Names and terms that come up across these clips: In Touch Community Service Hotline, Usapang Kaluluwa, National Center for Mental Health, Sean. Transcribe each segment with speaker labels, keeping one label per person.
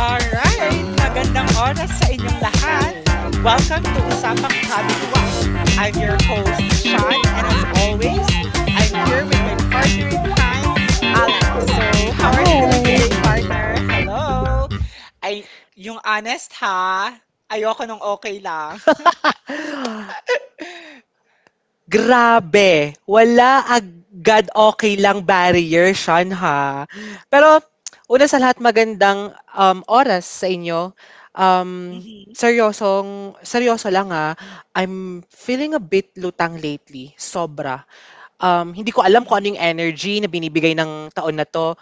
Speaker 1: Alright, magandang oras sa inyong lahat. Welcome to Usapang Kaluluwa. I'm your host, Sean, and as always, I'm here with my partner in crime, Alex. So, how are you doing today,
Speaker 2: Hi.
Speaker 1: partner? Hello? Ay, yung honest ha, ayoko nung okay lang.
Speaker 2: Grabe, wala agad okay lang barrier siyan, ha. Pero una sa lahat magandang, oras sa inyo. Um,
Speaker 1: Mhm.
Speaker 2: seryosong seryoso lang, I'm feeling a bit lutang lately, sobra. Hindi ko alam kung ano yung
Speaker 1: Mm.
Speaker 2: energy na binibigay ng taon na 'to.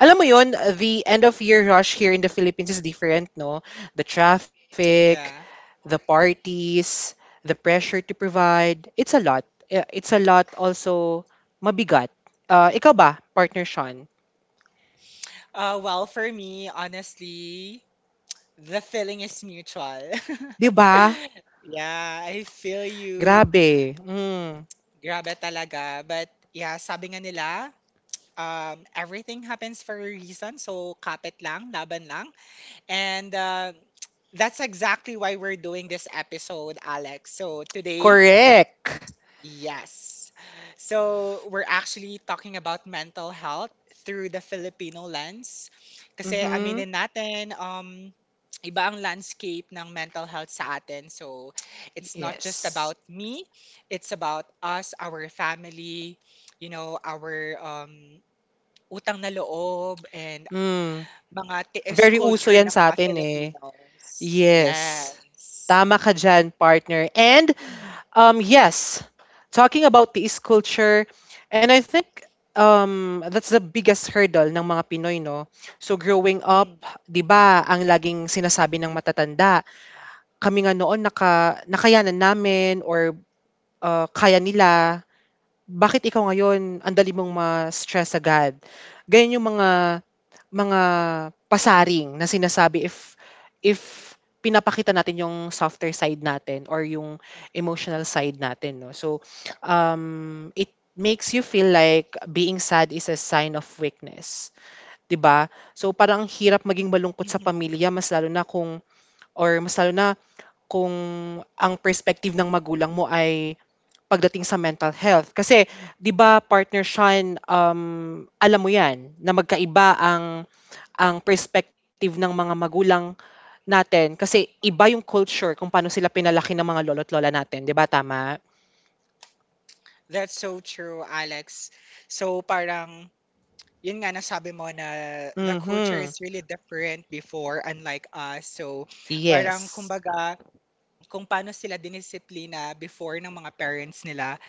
Speaker 2: Alam mo yun, the end of year rush here in the Philippines is different 'no, the traffic,
Speaker 1: Yeah.
Speaker 2: the parties, the pressure to provide. It's a lot. It's a lot also mabigat. Ikaw ba, partner Sean?
Speaker 1: Well, for me, honestly, the feeling is mutual.
Speaker 2: 'Di ba?
Speaker 1: Yeah, I feel you.
Speaker 2: Grabe. Mm.
Speaker 1: Grabe talaga. But yeah, sabi nga nila, everything happens for a reason. So, kapit lang, laban lang. And that's exactly why we're doing this episode, Alex. So, today,
Speaker 2: Correct.
Speaker 1: yes, so we're actually talking about mental health through the Filipino lens. Kasi
Speaker 2: Mhm.
Speaker 1: aminin natin, iba ang landscape ng mental health sa atin. So it's not just
Speaker 2: Yes.
Speaker 1: about me, it's about us, our family, our utang na loob and
Speaker 2: Mm.
Speaker 1: mga tiis
Speaker 2: Very uso
Speaker 1: culture
Speaker 2: 'yan
Speaker 1: ng
Speaker 2: sa
Speaker 1: mga
Speaker 2: atin eh.
Speaker 1: Filipinos.
Speaker 2: Yes.
Speaker 1: Yes.
Speaker 2: Tama ka dyan, partner. And
Speaker 1: Mm,
Speaker 2: Yes, talking about the is culture, and I think that's the biggest hurdle ng mga Pinoy, no? So growing up,
Speaker 1: mm.
Speaker 2: di ba, ang laging sinasabi ng matatanda, kami nga noon naka, nakayanan namin or kaya nila, bakit ikaw ngayon ang dali mong ma-stress agad? Ganyan yung mga mga pasaring na sinasabi if pinapakita natin yung softer side natin or yung emotional side natin 'no. So, it makes you feel like being sad is a sign of weakness, 'di ba? So, parang hirap maging malungkot sa
Speaker 1: Mhm.
Speaker 2: pamilya mas lalo na kung or mas lalo na kung ang perspective ng magulang mo ay pagdating sa mental health. Kasi 'di ba partner Sean, alam mo 'yan na magkaiba ang perspective ng mga magulang natin kasi iba yung culture kung paano sila pinalaki ng mga lolo't lola natin, 'di ba tama?
Speaker 1: That's so true, Alex. So parang, yun nga nasabi mo na the culture
Speaker 2: Mhm,
Speaker 1: is really different before, unlike us. So parang
Speaker 2: yes.
Speaker 1: kumbaga, kung paano sila dinisiplina before ng mga parents nila,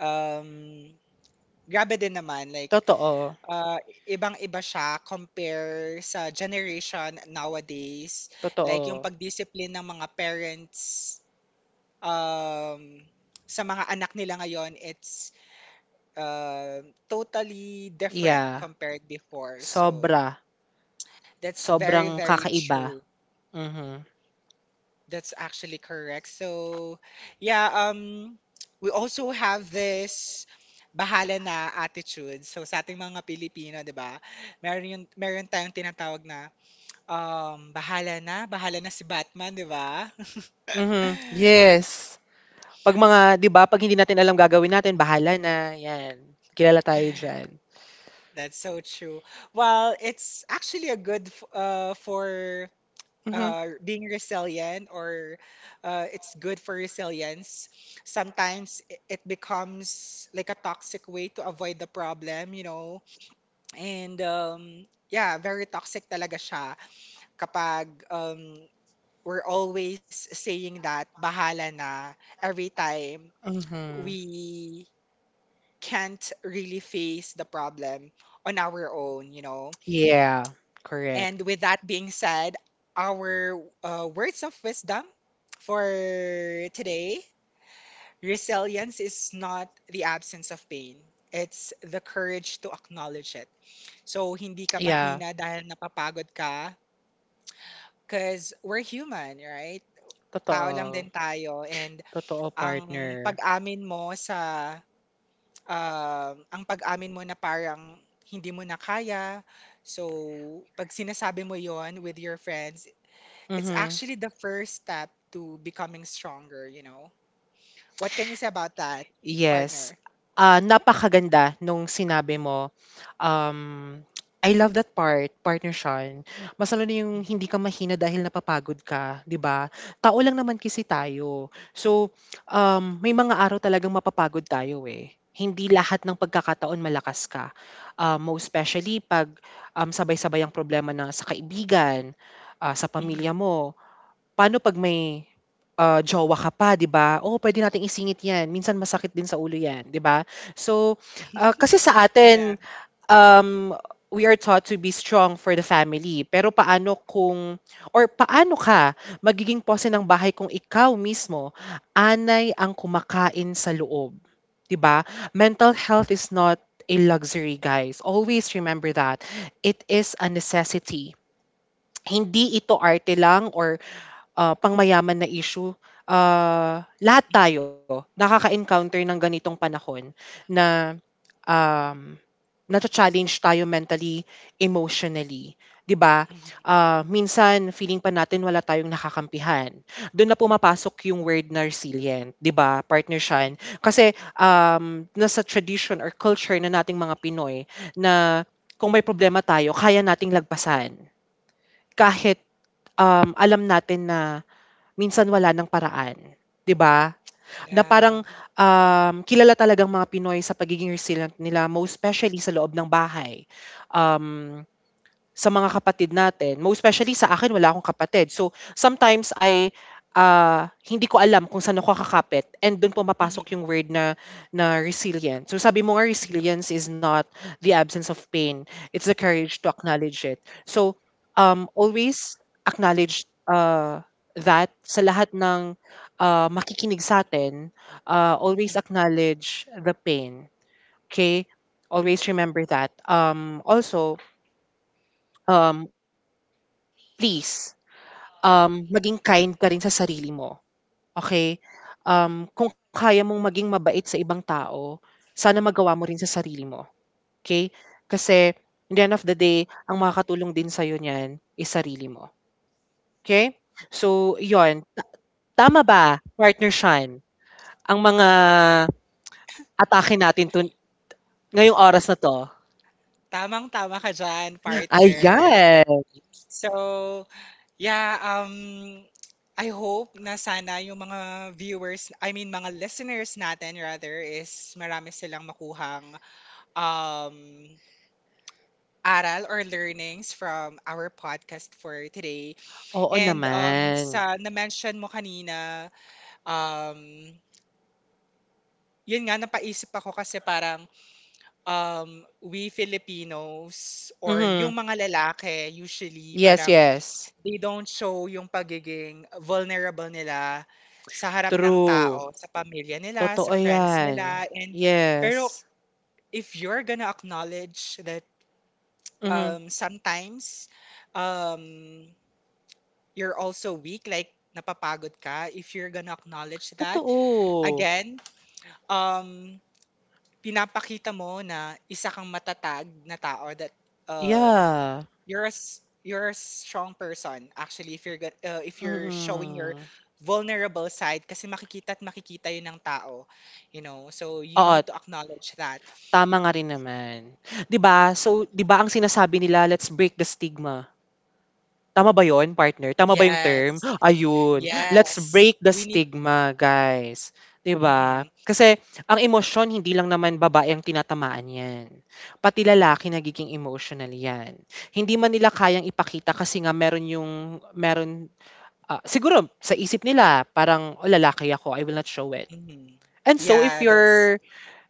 Speaker 1: um, grabe din naman. Like,
Speaker 2: Totoo,
Speaker 1: uh, ibang-iba siya compare sa generation nowadays. Like, yung
Speaker 2: totoo.
Speaker 1: pagdiscipline ng mga parents, um, sa mga anak nila ngayon, it's totally different
Speaker 2: Yeah,
Speaker 1: compared before. So
Speaker 2: sobra,
Speaker 1: that's very,
Speaker 2: sobrang
Speaker 1: very
Speaker 2: kakaiba,
Speaker 1: true.
Speaker 2: mhm.
Speaker 1: That's actually correct. So yeah, we also have this bahala na attitude. So sa ating mga Pilipino, 'di ba? Meron tayong tinatawag na bahala na, bahala na si Batman, 'di ba?
Speaker 2: Mhm, yes. 'Pag mga 'di ba 'pag hindi natin alam gagawin natin bahala na, 'yan. Kilala tayo diyan.
Speaker 1: That's so true. Well, it's actually a good for
Speaker 2: Mhm.
Speaker 1: being resilient, or it's good for resilience. Sometimes it becomes like a toxic way to avoid the problem. And yeah, very toxic talaga siya kapag we're always saying that bahala na every time
Speaker 2: Mhm.
Speaker 1: we can't really face the problem on our own.
Speaker 2: Yeah, correct.
Speaker 1: And with that being said, our words of wisdom for today: resilience is not the absence of pain. It's the courage to acknowledge it. So, hindi ka
Speaker 2: Yeah,
Speaker 1: mahina dahil napapagod ka, because we're human, right? Tao lang
Speaker 2: totoo.
Speaker 1: din tayo. And
Speaker 2: Totoo
Speaker 1: ang
Speaker 2: partner.
Speaker 1: pag-amin mo sa, ang pag-amin mo na parang hindi mo na kaya. So, pag sinasabi mo yon with your friends, it's
Speaker 2: Mhm.
Speaker 1: actually the first step to becoming stronger. What can you say about that,
Speaker 2: Yes.
Speaker 1: partner?
Speaker 2: Napakaganda nung sinabi mo. Um, I love that part, partner Sean. Mas lalo na yung
Speaker 1: Mhm.
Speaker 2: hindi ka mahina dahil napapagod ka, 'di ba? Tao lang naman kasi tayo. So, may mga araw talagang mapapagod tayo eh. Hindi lahat ng pagkakataon malakas ka. Most especially pag sabay-sabay ang problema na sa kaibigan, sa pamilya
Speaker 1: Mhm.
Speaker 2: mo. Paano 'pag may, jowa ka pa, 'di ba? "Oh, puwede nating isingit 'yan, minsan masakit din sa ulo 'yan," 'di ba? So, kasi sa
Speaker 1: Yeah.
Speaker 2: atin, um, we are taught to be strong for the family, pero paano kung or paano ka magiging pose ng bahay kung ikaw mismo anay ang kumakain sa loob, 'di ba? Mental health is not a luxury, guys. Always remember that. It is a necessity. Hindi ito arte lang or pangmayaman na issue. Lahat tayo
Speaker 1: Hmm.
Speaker 2: nakaka-encounter ng ganitong panahon na, um, nacha-challenge tayo mentally, emotionally, 'di ba?
Speaker 1: Hmm.
Speaker 2: Minsan feeling pa natin wala tayong nakakampihan. Dun na pumapasok yung word na resilient, 'di ba, partner Sian? Kasi, nasa tradition or culture na nating mga Pinoy na kung may problema tayo kaya nating lagpasan kahit, alam natin na minsan wala ng paraan, 'di ba? Na
Speaker 1: Yeah.
Speaker 2: parang, kilala talagang mga Pinoy sa pagiging resilient nila most specially sa loob ng bahay. Um sa mga kapatid natin, most especially sa
Speaker 1: Hmm.
Speaker 2: akin
Speaker 1: Hmm.
Speaker 2: wala
Speaker 1: Mhm.
Speaker 2: akong kapatid. So, sometimes I, hindi ko alam kung saan ako kakapit and do'n
Speaker 1: Yeah. Mhm.
Speaker 2: pumapasok
Speaker 1: Mhm.
Speaker 2: yung word na na resilient. So, sabi mo nga
Speaker 1: Mhm.
Speaker 2: resilience is not the absence of pain, it's the courage to acknowledge it. So, always acknowledge, that sa lahat ng, makikinig sa'tin, always
Speaker 1: Mhm.
Speaker 2: acknowledge the pain, okay. Always remember that. Also, um, please maging kind ka rin sa sarili mo, okay? Kung kaya mong maging mabait sa ibang tao, sana magawa mo rin sa sarili mo, okay? Kasi in the end of the day, ang makakatulong din sa'yo niyan is sarili mo, okay? So yon, tama ba, partner Shan, ang mga atake natin tun ngayong oras na 'to?
Speaker 1: Tamang-tama ka dyan, partner.
Speaker 2: Ayan,
Speaker 1: So, yeah, I hope na sana yung mga viewers, I mean mga listeners natin rather, is marami silang makuhang um, aral or learnings from our podcast for today.
Speaker 2: oo
Speaker 1: And
Speaker 2: naman.
Speaker 1: sa na-mention mo kanina, um, yun nga, napaisip ako kasi parang um, we Filipinos or
Speaker 2: Mhm,
Speaker 1: yung mga lalaki usually
Speaker 2: yes,
Speaker 1: parang
Speaker 2: yes,
Speaker 1: they don't show yung pagiging vulnerable nila sa harap ng
Speaker 2: true,
Speaker 1: tao, sa pamilya nila, sa
Speaker 2: totoo
Speaker 1: friends
Speaker 2: yan,
Speaker 1: nila. And pero
Speaker 2: yes.
Speaker 1: if you're gonna acknowledge that
Speaker 2: Mhm,
Speaker 1: sometimes um you're also weak, like napapagod ka, if you're gonna acknowledge that,
Speaker 2: totoo.
Speaker 1: again, um pinapakita mo na isa kang matatag na tao, that, um,
Speaker 2: Yeah,
Speaker 1: you're a s you're a strong person actually. If you're gon if you're showing your
Speaker 2: mm.
Speaker 1: vulnerable side, kasi makikita at makikita yun ng tao, you know? So, you
Speaker 2: Oo,
Speaker 1: need to acknowledge that.
Speaker 2: tama nga rin naman. 'Di ba, so 'di ba ang sinasabi nila, "Let's break the stigma." Tama ba 'yun, partner? Tama ba yung term?
Speaker 1: Yes,
Speaker 2: Ayun, let's
Speaker 1: yes.
Speaker 2: break the
Speaker 1: We need.
Speaker 2: stigma guys, 'di ba?
Speaker 1: Mhm,
Speaker 2: Kasi ang emosyon hindi lang naman babae ang tinatamaan 'yan, pati lalaki nagiging emotional 'yan. Hindi man nila kayang ipakita kasi nga meron yung meron ah, siguro sa isip nila parang, "Oh, lalaki ako, I will not show it."
Speaker 1: mhm.
Speaker 2: And so if
Speaker 1: Yeah, that's.
Speaker 2: you're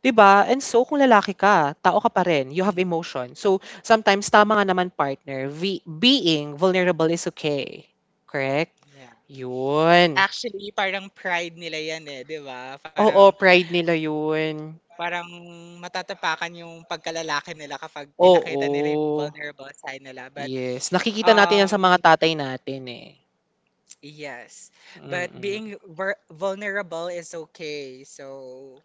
Speaker 2: 'di ba? And so kung lalaki ka, tao ka pa rin, you have
Speaker 1: Mhm,
Speaker 2: emotion. So sometimes tama nga naman partner, ve being vulnerable is okay, correct?
Speaker 1: yeah.
Speaker 2: 'Yun.
Speaker 1: Actually, parang pride nila yan, eh, 'di ba?
Speaker 2: Oo,
Speaker 1: Parang,
Speaker 2: pride nila 'yun.
Speaker 1: parang matatapakan yung pagkalalaki nila kapag pinakita nila yung
Speaker 2: Oo,
Speaker 1: vulnerable side nila. But,
Speaker 2: yes. Nakikita natin 'yan sa mga
Speaker 1: um,
Speaker 2: tatay natin, eh.
Speaker 1: yes. But
Speaker 2: Mm.
Speaker 1: being vulnerable is okay. So,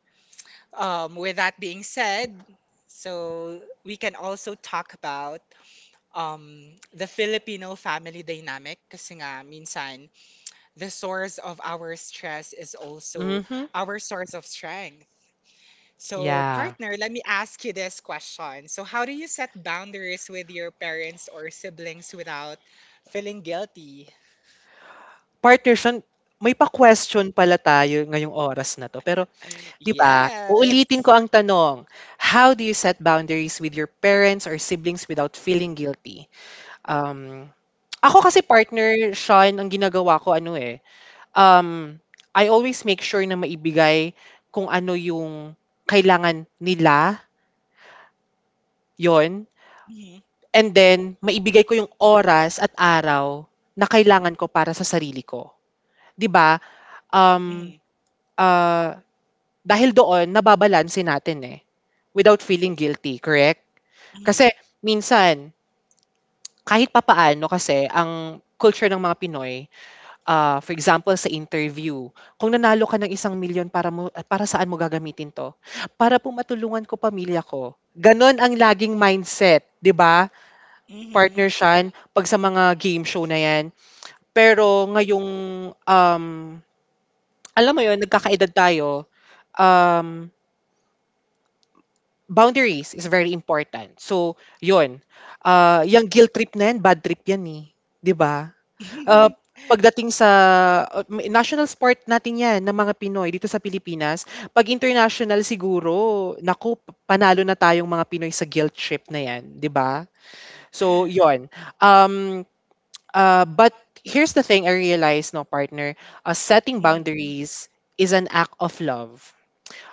Speaker 1: with that being said, so we can also talk about the Filipino family dynamic kasi nga minsan the source of our stress is also
Speaker 2: Mhm,
Speaker 1: our source of strength. So,
Speaker 2: yeah.
Speaker 1: partner, let me ask you this question. So, how do you set boundaries with your parents or siblings without feeling guilty?
Speaker 2: Partner siya may pa-question pala tayo ngayong oras na 'to, pero 'di ba? Uulitin
Speaker 1: Yes.
Speaker 2: ko ang tanong, how do you set boundaries with your parents or siblings without feeling guilty? Um, ako kasi partner, Sean, ang ginagawa ko ano, eh, um, I always make sure na maibigay kung ano yung kailangan nila, 'yon.
Speaker 1: Hmm.
Speaker 2: And then maibigay ko yung oras at araw na kailangan ko para sa sarili ko, 'di ba? Um,
Speaker 1: Hmm.
Speaker 2: ah, dahil doon nababalanse natin, eh, without feeling guilty, correct?
Speaker 1: Hmm.
Speaker 2: Kasi minsan, kahit papaano kasi ang culture ng mga Pinoy, for example sa interview, kung nanalo ka ng ₱1,000,000 para mo ah, para saan mo gagamitin 'to? Para po matulungan ko pamilya ko. Gano'n ang laging mindset, 'di ba?
Speaker 1: Hmm.
Speaker 2: Partner Sian, 'pag sa mga game show na 'yan. Pero ngayong, um, alam mo yon nagkakaedad tayo, um, boundaries is very important. So yon ah, yang guilt trip na 'yan, bad trip 'yan, eh, 'di ba? Ah,
Speaker 1: Hmm.
Speaker 2: pagdating sa may national sport natin 'yan ng mga Pinoy dito sa Pilipinas. 'Pag international siguro, panalo na tayong mga Pinoy sa guilt trip na 'yan, 'di ba? So yon. um, but here's the thing I realized 'no partner, setting
Speaker 1: Hmm.
Speaker 2: boundaries is an act of love.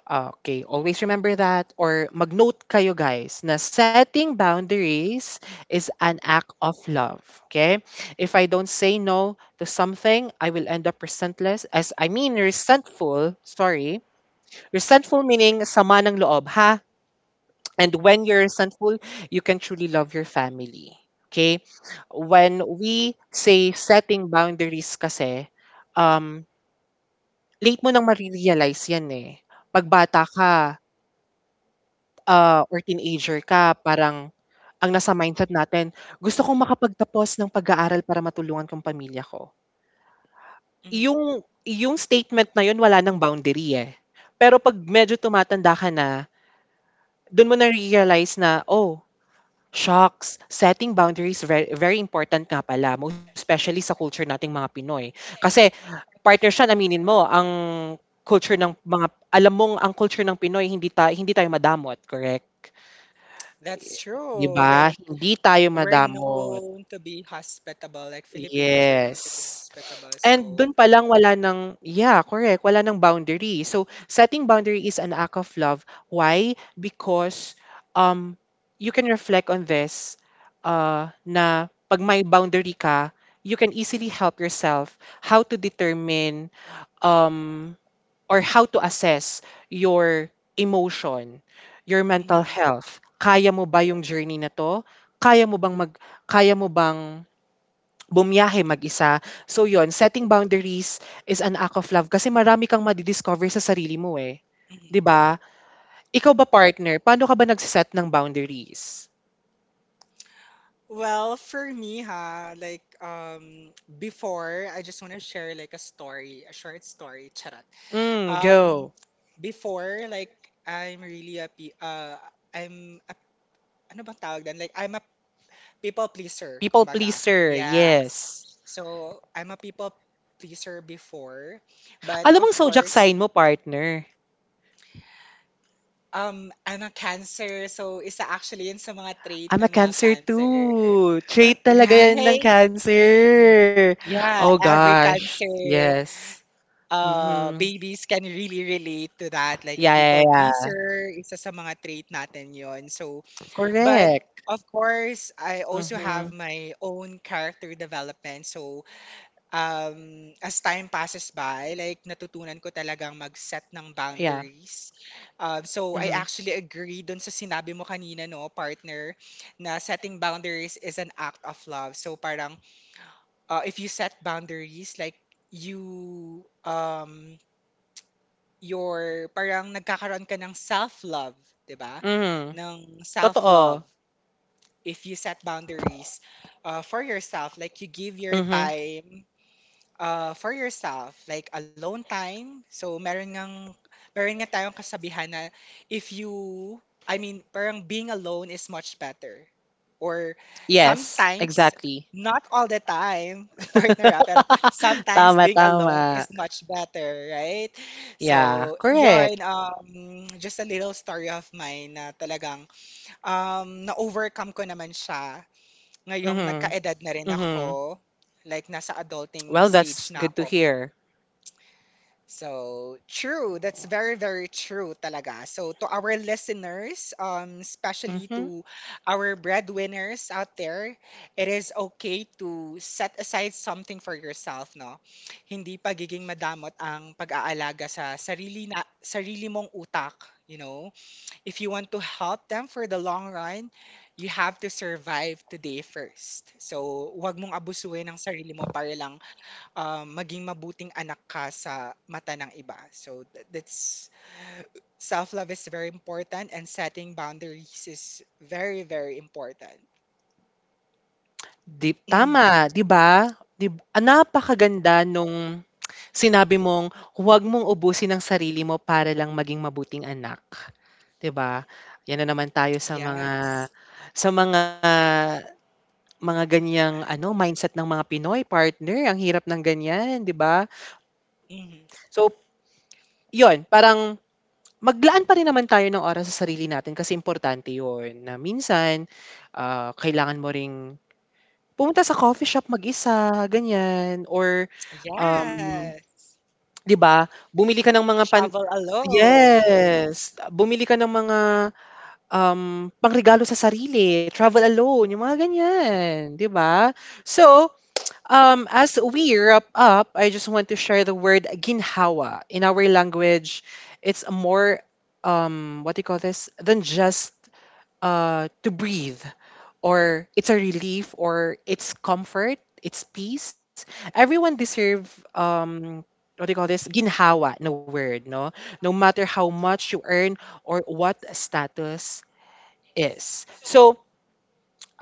Speaker 2: Okay, always remember that or mag-note kayo guys na setting boundaries is an act of love. Okay? If I don't say no to something, I will end up resentless as I mean resentful, sorry. Resentful meaning sama ng loob, ha? And when you're resentful, you can truly love your family. Okay? When we say setting boundaries kasi, um, late mo nang marirealize yan eh. Pagbata ka, or teenager ka parang ang nasa mindset natin, "Gusto kong makapagtapos ng pag-aaral para matulungan ko ang pamilya ko."
Speaker 1: Hmm.
Speaker 2: Yung yung statement na yun wala ng boundary, eh. Pero 'pag medyo tumatanda ka na, dun mo na-realize na, "Oh, shocks, setting boundaries very very important nga pala." Most especially sa culture nating mga Pinoy. Kasi partner siya aminin mo ang culture ng mga alam mong ang culture ng Pinoy hindi tayo madamot, correct?
Speaker 1: That's
Speaker 2: 'Di
Speaker 1: true.
Speaker 2: ba,
Speaker 1: Like,
Speaker 2: hindi tayo
Speaker 1: we're
Speaker 2: madamot,
Speaker 1: known to be hospitable. Like, Filipinos are known to be
Speaker 2: yes.
Speaker 1: hospitable.
Speaker 2: And
Speaker 1: So,
Speaker 2: dun pa lang wala ng yeah, correct, wala ng boundary. So, setting boundary is an act of love. Why? Because, um, you can reflect on this, na 'pag may boundary ka, you can easily help yourself how to determine, um or how to assess your emotion, your mental
Speaker 1: hmm.
Speaker 2: health. Kaya mo ba yung journey na to? Kaya mo bang mag kaya mo bang bumiyahe mag-isa? So yon, setting boundaries is an act of love kasi marami kang madidiscover sa sarili mo eh. 'Di
Speaker 1: Hmm.
Speaker 2: ba? Ikaw ba partner, paano ka ba nagsiset ng boundaries?
Speaker 1: Well, for me, ha, like before, I just want to share like a story, a short story, Charat.
Speaker 2: Mm,
Speaker 1: Um
Speaker 2: go.
Speaker 1: Before, like, I'm really a pe- uh I'm a, ano bang tawag doon? Like, I'm a people pleaser,
Speaker 2: People
Speaker 1: kumbaga.
Speaker 2: pleaser,
Speaker 1: Yes.
Speaker 2: yes.
Speaker 1: So, I'm a people pleaser before, but
Speaker 2: Alam
Speaker 1: of
Speaker 2: mong zodiac
Speaker 1: course,
Speaker 2: sign mo, partner.
Speaker 1: I'm a cancer, so isa actually yun sa mga trait
Speaker 2: I'm a
Speaker 1: ng mga
Speaker 2: cancer
Speaker 1: cancer.
Speaker 2: too. Trait talaga yan ng
Speaker 1: Right?
Speaker 2: cancer. Oh
Speaker 1: Yeah, every
Speaker 2: gosh.
Speaker 1: cancer.
Speaker 2: Yes.
Speaker 1: uh,
Speaker 2: Mm-hmm.
Speaker 1: babies can really relate to that. Like,
Speaker 2: Yeah, yeah,
Speaker 1: people
Speaker 2: yeah.
Speaker 1: pleaser, isa sa mga trait natin yon. So, but
Speaker 2: Correct.
Speaker 1: of course, I also have
Speaker 2: Mm-hmm.
Speaker 1: my own character development. So, as time passes by, like, natutunan ko talagang mag-set ng
Speaker 2: Yeah.
Speaker 1: boundaries. So, I
Speaker 2: Mm-hmm.
Speaker 1: actually agree dun sa sinabi mo kanina, no, partner, na setting boundaries is an act of love. So, parang, if you set boundaries, like, you, your parang nagkakaroon ka ng self-love, 'di ba?
Speaker 2: Mm-hmm.
Speaker 1: Ng self-love
Speaker 2: Totoo.
Speaker 1: if you set boundaries for yourself, like you give your
Speaker 2: Mm-hmm.
Speaker 1: time for yourself, like alone time. So meron nga tayong kasabihan na if you I mean, parang being alone is much better. Or
Speaker 2: Yes,
Speaker 1: sometimes,
Speaker 2: exactly.
Speaker 1: not all the time, partner, pero sometimes
Speaker 2: tama,
Speaker 1: being alone
Speaker 2: tama.
Speaker 1: is much better, right?
Speaker 2: Yeah,
Speaker 1: So,
Speaker 2: correct.
Speaker 1: yun, just a little story of mine na talagang na-overcome ko naman siya ngayong
Speaker 2: Mm-hmm.
Speaker 1: nagkaedad na rin
Speaker 2: Mm-hmm.
Speaker 1: ako. Like, nasa adulting
Speaker 2: Well,
Speaker 1: stage
Speaker 2: that's
Speaker 1: na
Speaker 2: good to
Speaker 1: ako.
Speaker 2: hear.
Speaker 1: So true. That's very, very true talaga. So to our listeners, especially
Speaker 2: Mm-hmm.
Speaker 1: to our breadwinners out there, it is okay to set aside something for yourself, no? Hindi pagiging madamot ang pag-aalaga sa sarili na sarili mong utak, you know? If you want to help them for the long run, you have to survive today first. So, wag mong abusuin ang sarili mo para lang maging mabuting anak ka sa mata ng iba. So that's self-love is very important, and setting boundaries is very, very important.
Speaker 2: Di tama, 'di ba? Ah, napakaganda nung sinabi mong, "Huwag mong ubusin ang sarili mo para lang maging mabuting anak." 'Di ba? 'Yan na naman tayo sa
Speaker 1: Yeah.
Speaker 2: mga sa mga mga ganiyang ano, mindset ng mga Pinoy, partner. Ang hirap ng ganiyan, 'di ba?
Speaker 1: Mhm.
Speaker 2: So, 'yun, parang maglaan pa rin naman tayo ng oras sa sarili natin kasi importante 'yun na minsan, kailangan mo ring pumunta sa coffee shop mag-isa, ganyan or, um,
Speaker 1: Yeah.
Speaker 2: 'di ba, bumili ka ng mga pan
Speaker 1: Travel alone.
Speaker 2: yes, bumili ka ng mga, pangregalo sa sarili, travel alone, yung mga ganyan, 'di ba? So, as we wrap up, I just want to share the word ginhawa. In our language, it's a more, what do you call this, than just, to breathe or it's a relief or it's comfort, it's peace. Everyone deserve um what do you call this? Ginhawa na word, no? No matter how much you earn or what status is. So,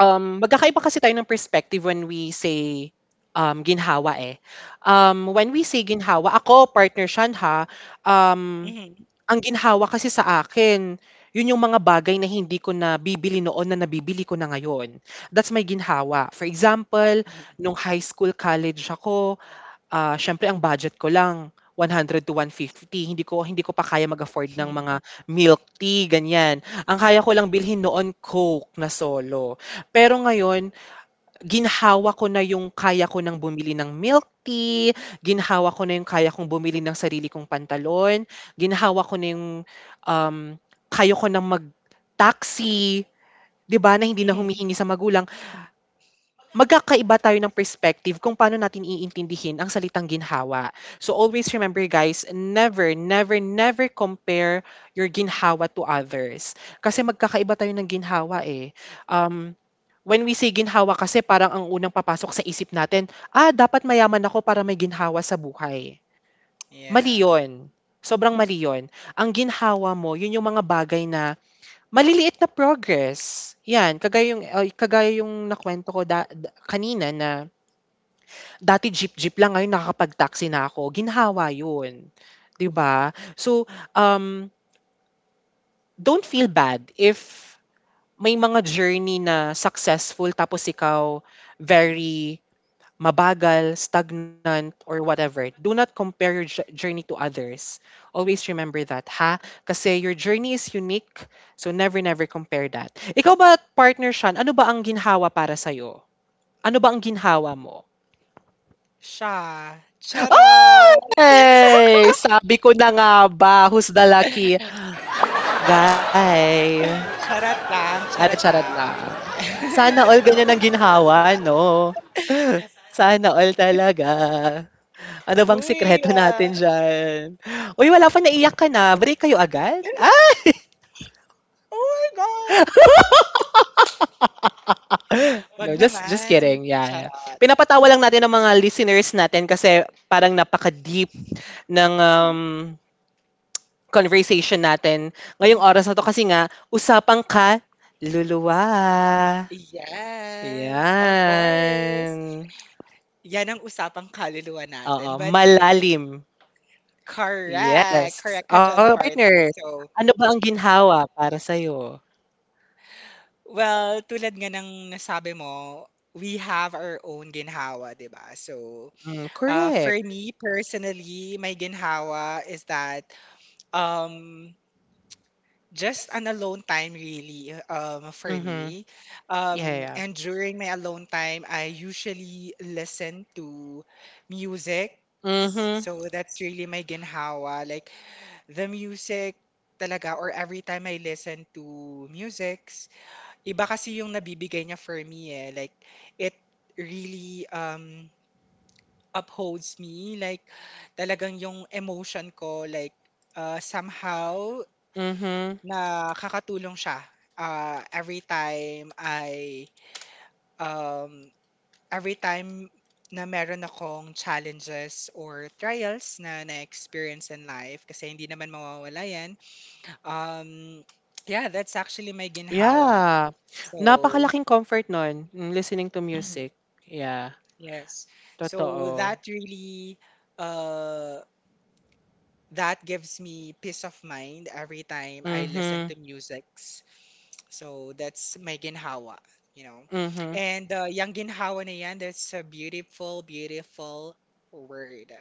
Speaker 2: magkakaiba kasi tayo ng perspective when we say ginhawa eh. When we say ginhawa, ako, partner Shan ha, um,
Speaker 1: Mhm.
Speaker 2: ang ginhawa kasi sa akin, yun yung mga bagay na hindi ko nabibili noon na nabibili ko na ngayon. That's my ginhawa. For example,
Speaker 1: Mhm.
Speaker 2: nung high school, college ako, siyempre ang budget ko lang 100 to 150. Hindi ko pa kaya mag-afford ng
Speaker 1: Mhm.
Speaker 2: mga milk tea, ganyan. Ang kaya ko lang bilhin noon Coke na solo. Pero ngayon, ginhawa ko na yung kaya ko ng bumili ng milk tea, ginhawa ko na yung kaya kong bumili ng sarili kong pantalon, ginhawa ko na yung, um, kaya ko ng mag-taxi, 'di ba, na hindi na
Speaker 1: Mhm.
Speaker 2: humihingi sa magulang.
Speaker 1: Mhm.
Speaker 2: Magkakaiba tayo ng perspective kung paano natin iintindihin ang salitang ginhawa. So, always remember guys, never, never, never compare your ginhawa to others. Kasi magkakaiba tayo ng ginhawa, eh. Um When we say ginhawa kasi parang ang unang papasok sa isip natin, ah, dapat mayaman ako para may ginhawa sa buhay. Mali
Speaker 1: Yeah.
Speaker 2: yun. Sobrang mali yun. Ang ginhawa mo, yun yung mga bagay na maliliit na progress. Yan, kagaya yung, ay, kagaya yung nakwento ko kanina na dati jeep-jeep lang, ngayon nakakapag-taxi na ako. Ginhawa yun. 'Di ba. So, um, don't feel bad if may mga journey na successful tapos ikaw
Speaker 1: Mhm.
Speaker 2: very mabagal, stagnant, or whatever. Do not compare your journey to others. Always remember that, ha? Kasi your journey is unique, so never, never compare that. Ikaw ba, partner Sean, ano ba ang ginhawa para sa'yo? Ano ba ang ginhawa mo?
Speaker 1: Siya. Charot!
Speaker 2: Ay! Sabi ko na nga ba, who's the lucky guy?
Speaker 1: Charot lang,
Speaker 2: Ano,
Speaker 1: charot
Speaker 2: charot lang.
Speaker 1: lang.
Speaker 2: Sana all ganyan ang ginhawa, no? Sana all talaga. Ano bang
Speaker 1: Huy!
Speaker 2: sikreto
Speaker 1: Ah.
Speaker 2: natin diyan? Uy, wala pa, naiyak ka na. Break kayo agad? Ay!
Speaker 1: Oh my God! Wag
Speaker 2: No, just
Speaker 1: naman.
Speaker 2: kidding. Yeah, yeah.
Speaker 1: Charot.
Speaker 2: Pinapatawa lang natin ang mga listeners natin kasi parang napaka-deep ng conversation natin ngayong oras na to kasi nga usapang ka luluwa.
Speaker 1: Yes, of course.
Speaker 2: Yan.
Speaker 1: Yan ang usapang kaluluwa natin.
Speaker 2: Oo,
Speaker 1: But
Speaker 2: malalim.
Speaker 1: correct,
Speaker 2: Yes.
Speaker 1: correct ka
Speaker 2: Oh,
Speaker 1: dyan, partner.
Speaker 2: partner,
Speaker 1: So,
Speaker 2: ano ba ang ginhawa para sa'yo?
Speaker 1: well, tulad nga ng nasabi mo, we have our own ginhawa, 'di ba? So,
Speaker 2: Mm,
Speaker 1: For
Speaker 2: correct.
Speaker 1: me personally, my ginhawa is that, um, just an alone time, really, for
Speaker 2: Mhm.
Speaker 1: me.
Speaker 2: Yeah, yeah.
Speaker 1: And during my alone time, I usually listen to music.
Speaker 2: Mhm,
Speaker 1: So that's really my ginhawa. Like the music talaga, or every time I listen to musics, iba kasi yung nabibigay niya for me eh. Like it really upholds me. Like, talagang yung emotion ko, like, somehow,
Speaker 2: mhm.
Speaker 1: nakakatulong siya. Uh, every time I, um, every time na meron akong challenges or trials na na-experience in life, kasi hindi naman mawawala yan. Um, yeah, that's actually my ginhawa.
Speaker 2: Yeah.
Speaker 1: So,
Speaker 2: Napakalaking comfort nun, hmm, listening to music. Yeah,
Speaker 1: yes. So,
Speaker 2: totoo.
Speaker 1: uh, that gives me peace of mind every time I listen
Speaker 2: Mhm,
Speaker 1: to musics. So that's my ginhawa, you know.
Speaker 2: mhm.
Speaker 1: And yung ginhawa na yan, that's a beautiful, beautiful word.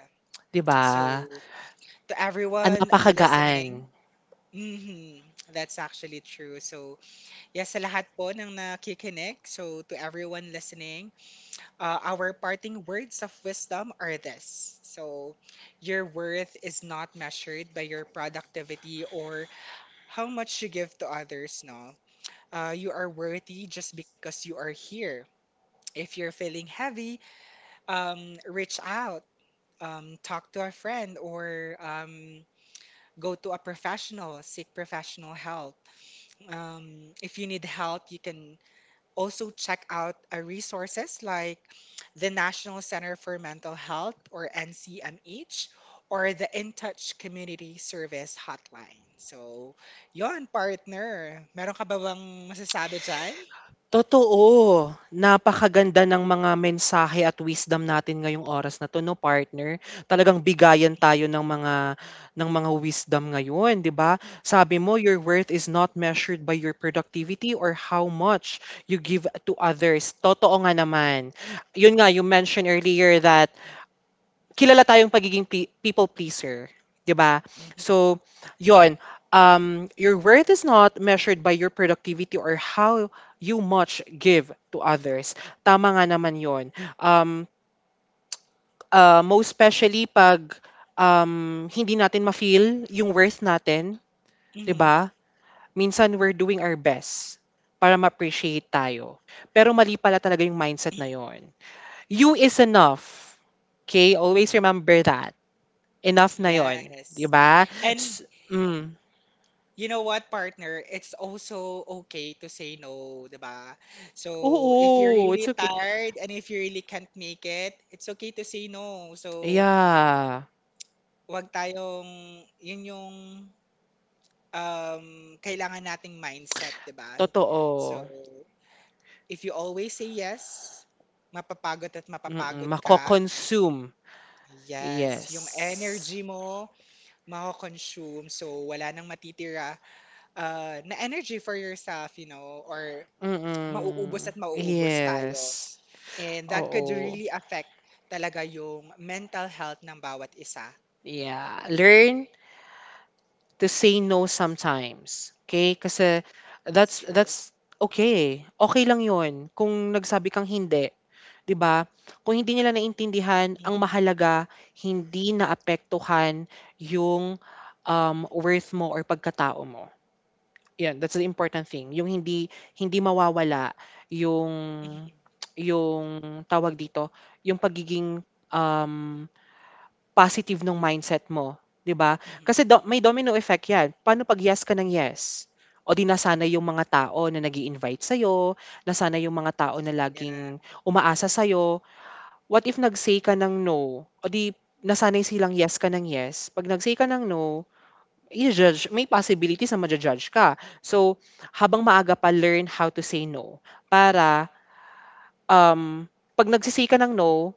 Speaker 2: 'Di ba?
Speaker 1: So to
Speaker 2: Ang
Speaker 1: everyone listening,
Speaker 2: napakagaan.
Speaker 1: mhm, that's actually true. So yes, sa lahat po ng nakikinig, so to everyone listening, our parting words of wisdom are this. So your worth is not measured by your productivity or how much you give to others, no? You are worthy just because you are here. If you're feeling heavy, reach out, talk to a friend, or go to a professional, seek professional help. If you need help, you can also check out, resources like the National Center for Mental Health or NCMH, or the In Touch Community Service Hotline. So, yon partner. Meron ka ba bang masasabi dyan?
Speaker 2: Totoo. Napakaganda ng mga mensahe at wisdom natin ngayong oras na 'to 'no, partner. Talagang bigayan tayo ng mga wisdom ngayon, 'di ba? Sabi mo, "Your worth is not measured by your productivity or how much you give to others." Totoo nga naman. 'Yun nga, you mentioned earlier that kilala tayong pagiging people pleaser, 'di ba?
Speaker 1: Mhm.
Speaker 2: So, 'yon. Your worth is not measured by your productivity or how you much give to others. Tama nga naman 'yon. Um, most especially pag hindi natin ma-feel yung worth natin, 'di
Speaker 1: Mhm.
Speaker 2: ba? Minsan we're doing our best para ma-appreciate tayo. Pero mali pala talaga yung mindset na
Speaker 1: Mhm.
Speaker 2: 'yon. You is enough. Okay? Always remember that. Enough na yon, 'di
Speaker 1: Yes.
Speaker 2: ba?
Speaker 1: And You know what, partner? It's also okay to say no, 'di ba? So, if you're
Speaker 2: Oo, it's
Speaker 1: really
Speaker 2: okay,
Speaker 1: tired and if you really can't make it, it's okay to say no. So,
Speaker 2: yeah,
Speaker 1: wag tayong yun yung um kailangan nating mindset, 'di ba? So,
Speaker 2: totoo.
Speaker 1: if you always say yes, mapapagod at
Speaker 2: Mm,
Speaker 1: mapapagod ka.
Speaker 2: mako-consume, yes.
Speaker 1: Yes, yung energy mo mako-consume, so wala nang matitira na energy for yourself, or
Speaker 2: Mm,
Speaker 1: mauubos at mauubos tayo.
Speaker 2: yes,
Speaker 1: And that could
Speaker 2: oo.
Speaker 1: really affect talaga yung mental health ng bawat isa.
Speaker 2: Yeah, learn to say no sometimes, okay. Kasi
Speaker 1: It's
Speaker 2: that's
Speaker 1: true.
Speaker 2: that's okay, okay lang 'yun kung nagsabi kang hindi. 'Di ba? Kung hindi nila naintindihan,
Speaker 1: Mhm,
Speaker 2: ang mahalaga hindi naapektuhan yung, worth mo or pagkatao mo. 'Yan, that's the important thing. Yung hindi hindi mawawala yung
Speaker 1: mhm,
Speaker 2: yung tawag dito, yung pagiging, um, positive ng mindset mo, 'di ba?
Speaker 1: mhm.
Speaker 2: Kasi do may domino effect 'yan. Paano 'pag yes ka ng yes? O 'di nasanay yung mga tao na nag-i-invite sa'yo, nasana yung mga tao na
Speaker 1: Yeah,
Speaker 2: laging umaasa sa'yo. What if nag-say ka ng no, o di nasanay silang yes ka ng yes, 'pag nag-say ka ng no, i judge may possibilities na maju-judge ka. So, habang maaga pa learn how to say no para, um, 'pag nagse ka ng no,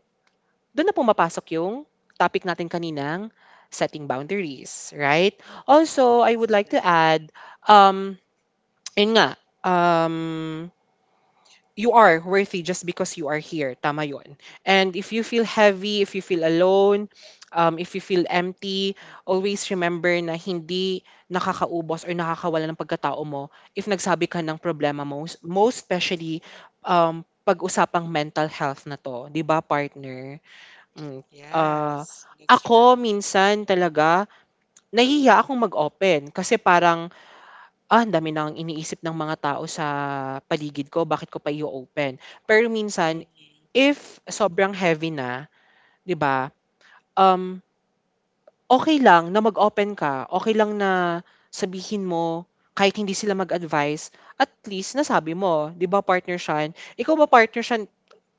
Speaker 2: dun na pumapasok yung topic natin kaninang setting boundaries, right? Also, I
Speaker 1: that's
Speaker 2: would
Speaker 1: true.
Speaker 2: like to add, um, yun nga, um you are worthy just because you are here. Tama yun. And if you feel heavy, if you feel alone, if you feel empty, always remember na hindi nakakaubos or nakakawala ng pagkatao mo if nagsabi ka ng problema mo. Most, most especially, pag-usapang mental health na to. 'Di ba partner? Mm. Ah,
Speaker 1: Yes, that's true.
Speaker 2: ako, minsan talaga, nahihiya akong mag-open kasi parang ah, ang dami nang iniisip ng mga tao sa paligid ko, bakit ko pa i open. Pero
Speaker 1: Mm.
Speaker 2: minsan, if sobrang heavy na, 'di ba, um, okay lang na mag-open ka, okay lang na sabihin mo kahit hindi sila mag-advice, at least nasabi mo, 'di ba, partner siya. Ikaw ba partner siya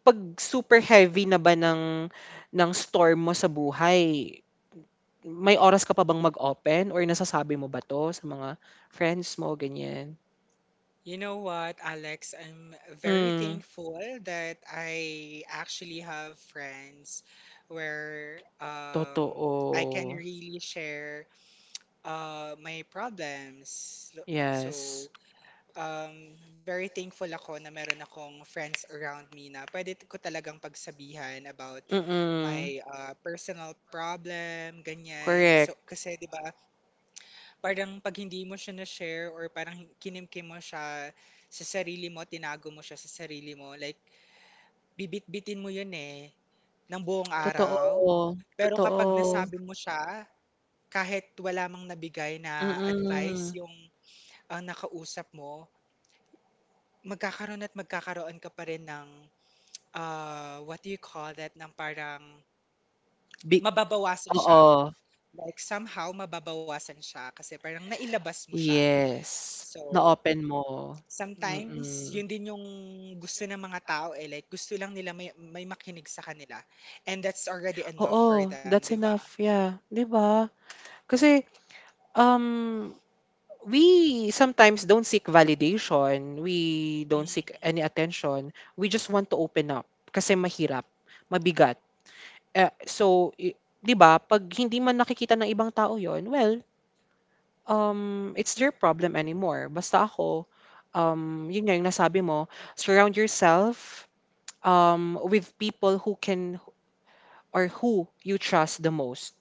Speaker 2: 'pag super heavy na ba ng storm mo sa buhay, may oras ka pa bang mag-open or nasasabi mo ba 'to sa mga friends mo, ganyan?
Speaker 1: You know what, Alex? I'm very
Speaker 2: Hmm.
Speaker 1: thankful that I actually have friends where, I can
Speaker 2: Totoo,
Speaker 1: really share, my problems. So,
Speaker 2: yes.
Speaker 1: very thankful ako na meron akong friends around me na pwede ko talagang pagsabihan about
Speaker 2: Mm.
Speaker 1: my personal problem, ganyan. So,
Speaker 2: Correct.
Speaker 1: kasi 'di ba, parang pag hindi mo siya na-share or parang kinimkim mo siya sa sarili mo, tinago mo siya sa sarili mo, like bibit-bitin mo 'yun eh ng buong araw.
Speaker 2: Totoo,
Speaker 1: Pero kapag
Speaker 2: totoo,
Speaker 1: nasabi mo siya, kahit wala mang nabigay na advice
Speaker 2: mm.
Speaker 1: yung ang nakausap mo, magkakaroon at magkakaroon ka pa rin ng, what do you call that, ng parang
Speaker 2: Big,
Speaker 1: mababawasan siya.
Speaker 2: oo,
Speaker 1: Like somehow mababawasan siya kasi parang nailabas mo siya.
Speaker 2: yes,
Speaker 1: So,
Speaker 2: na-open mo,
Speaker 1: sometimes, yun
Speaker 2: mm.
Speaker 1: din yung gusto ng mga tao eh. Like, gusto lang nila may makinig sa kanila. And that's already enough for
Speaker 2: Oo,
Speaker 1: them, di
Speaker 2: that's
Speaker 1: ba?
Speaker 2: enough, yeah, 'di ba? Kasi, um, we sometimes don't seek validation, we don't
Speaker 1: Mm,
Speaker 2: seek any attention, we just want to open up kasi mahirap, mabigat. Ah, so, i 'di ba 'pag hindi man nakikita ng ibang tao yon well, it's their problem anymore. Basta ako, 'yun nga yung nasabi mo, surround yourself, with people who can or who you trust the most,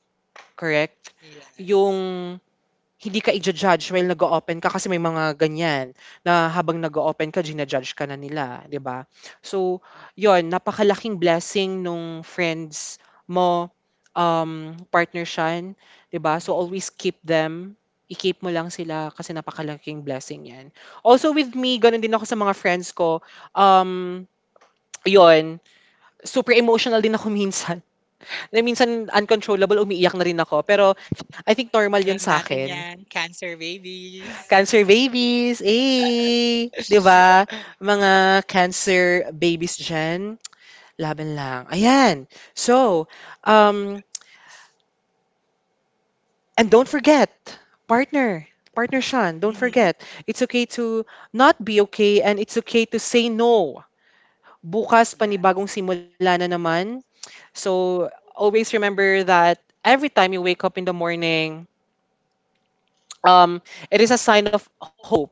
Speaker 2: correct?
Speaker 1: yes.
Speaker 2: Yung hindi ka ija-judge while nag-o-open ka kasi may mga ganyan na habang nag-o-open ka jina-judge ka na nila, 'di ba? So, yon napakalaking blessing nung friends mo, partner siya, 'di ba? So,
Speaker 1: Mhm.
Speaker 2: always keep them, i-keep mo lang sila kasi napakalaking blessing 'yan. Also with me gano'n din ako sa mga friends ko, um, 'yun super emotional din ako minsan, na minsan uncontrollable umiiyak na rin ako pero I think normal 'yun sa
Speaker 1: Alam
Speaker 2: akin.
Speaker 1: natin yan, cancer babies.
Speaker 2: Cancer babies, eh, 'di ba? Mga cancer babies diyan, laban lang. Ayan. So, um, and don't forget, partner, partner Sean, don't
Speaker 1: Hmm.
Speaker 2: forget, it's okay to not be okay and it's okay to say no. Bukas panibagong
Speaker 1: Yes.
Speaker 2: simula na naman. So, always remember that every time you wake up in the morning, it is a sign of hope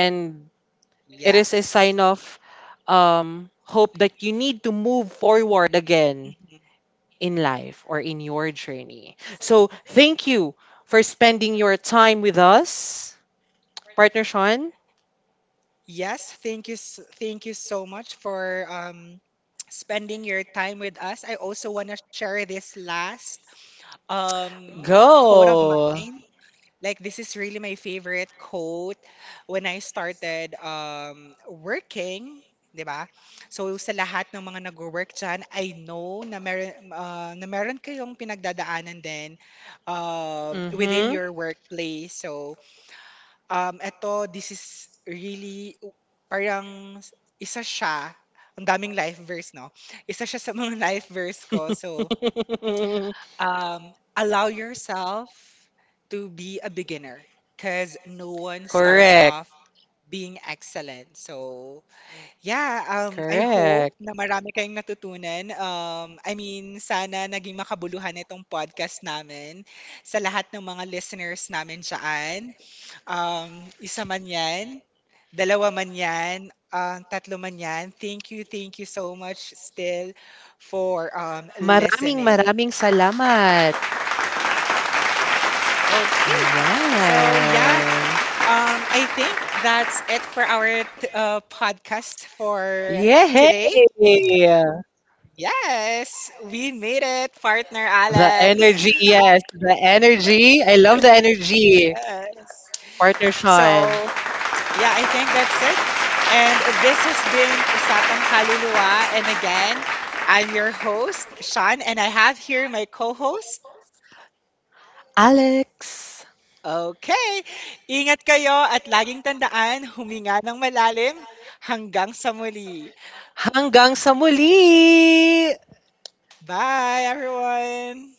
Speaker 2: and it is a
Speaker 1: Yes.
Speaker 2: sign of hope that you need to move forward again
Speaker 1: Mhm.
Speaker 2: in life or in your journey. So, thank you for spending your time with us, partner Sean.
Speaker 1: Yes, thank you, thank you so much for spending your time with us. I also want to share this last, um, quote of
Speaker 2: Go.
Speaker 1: mine. Like, this is really my favorite quote when I started, working, 'di ba? So sa lahat ng mga nagwo-work diyan, I know na meron kayong pinagdadaanan din, within
Speaker 2: Mm-hmm.
Speaker 1: your workplace. So eto, this is really parang isa siya, ang daming life verse, no? Isa siya sa mga life verse ko. So, allow yourself to be a beginner because no one starts off
Speaker 2: Correct.
Speaker 1: being excellent. So, yeah, I hope na
Speaker 2: Correct.
Speaker 1: marami kayong natutunan. I mean, sana naging makabuluhan itong podcast namin sa lahat ng mga listeners namin dyan. Isa man yan, dalawa man yan, tatlo man yan. Thank you so much still for
Speaker 2: Maraming
Speaker 1: listening.
Speaker 2: maraming salamat.
Speaker 1: Okay. So yeah,
Speaker 2: Ayan.
Speaker 1: I think that's it for our podcast for
Speaker 2: Yay!
Speaker 1: today. Yes, we made it, partner
Speaker 2: The
Speaker 1: Alex.
Speaker 2: energy, yes, the energy. I love the energy.
Speaker 1: Yes.
Speaker 2: Partner
Speaker 1: So,
Speaker 2: Sean.
Speaker 1: yeah, I think that's it. And this has been Usapang Kaluluwa. And again, I'm your host, Sean, and I have here my co-host.
Speaker 2: Alex,
Speaker 1: Okay. Ingat kayo at laging tandaan, huminga ng malalim hanggang sa muli.
Speaker 2: hanggang sa muli!
Speaker 1: Bye, everyone.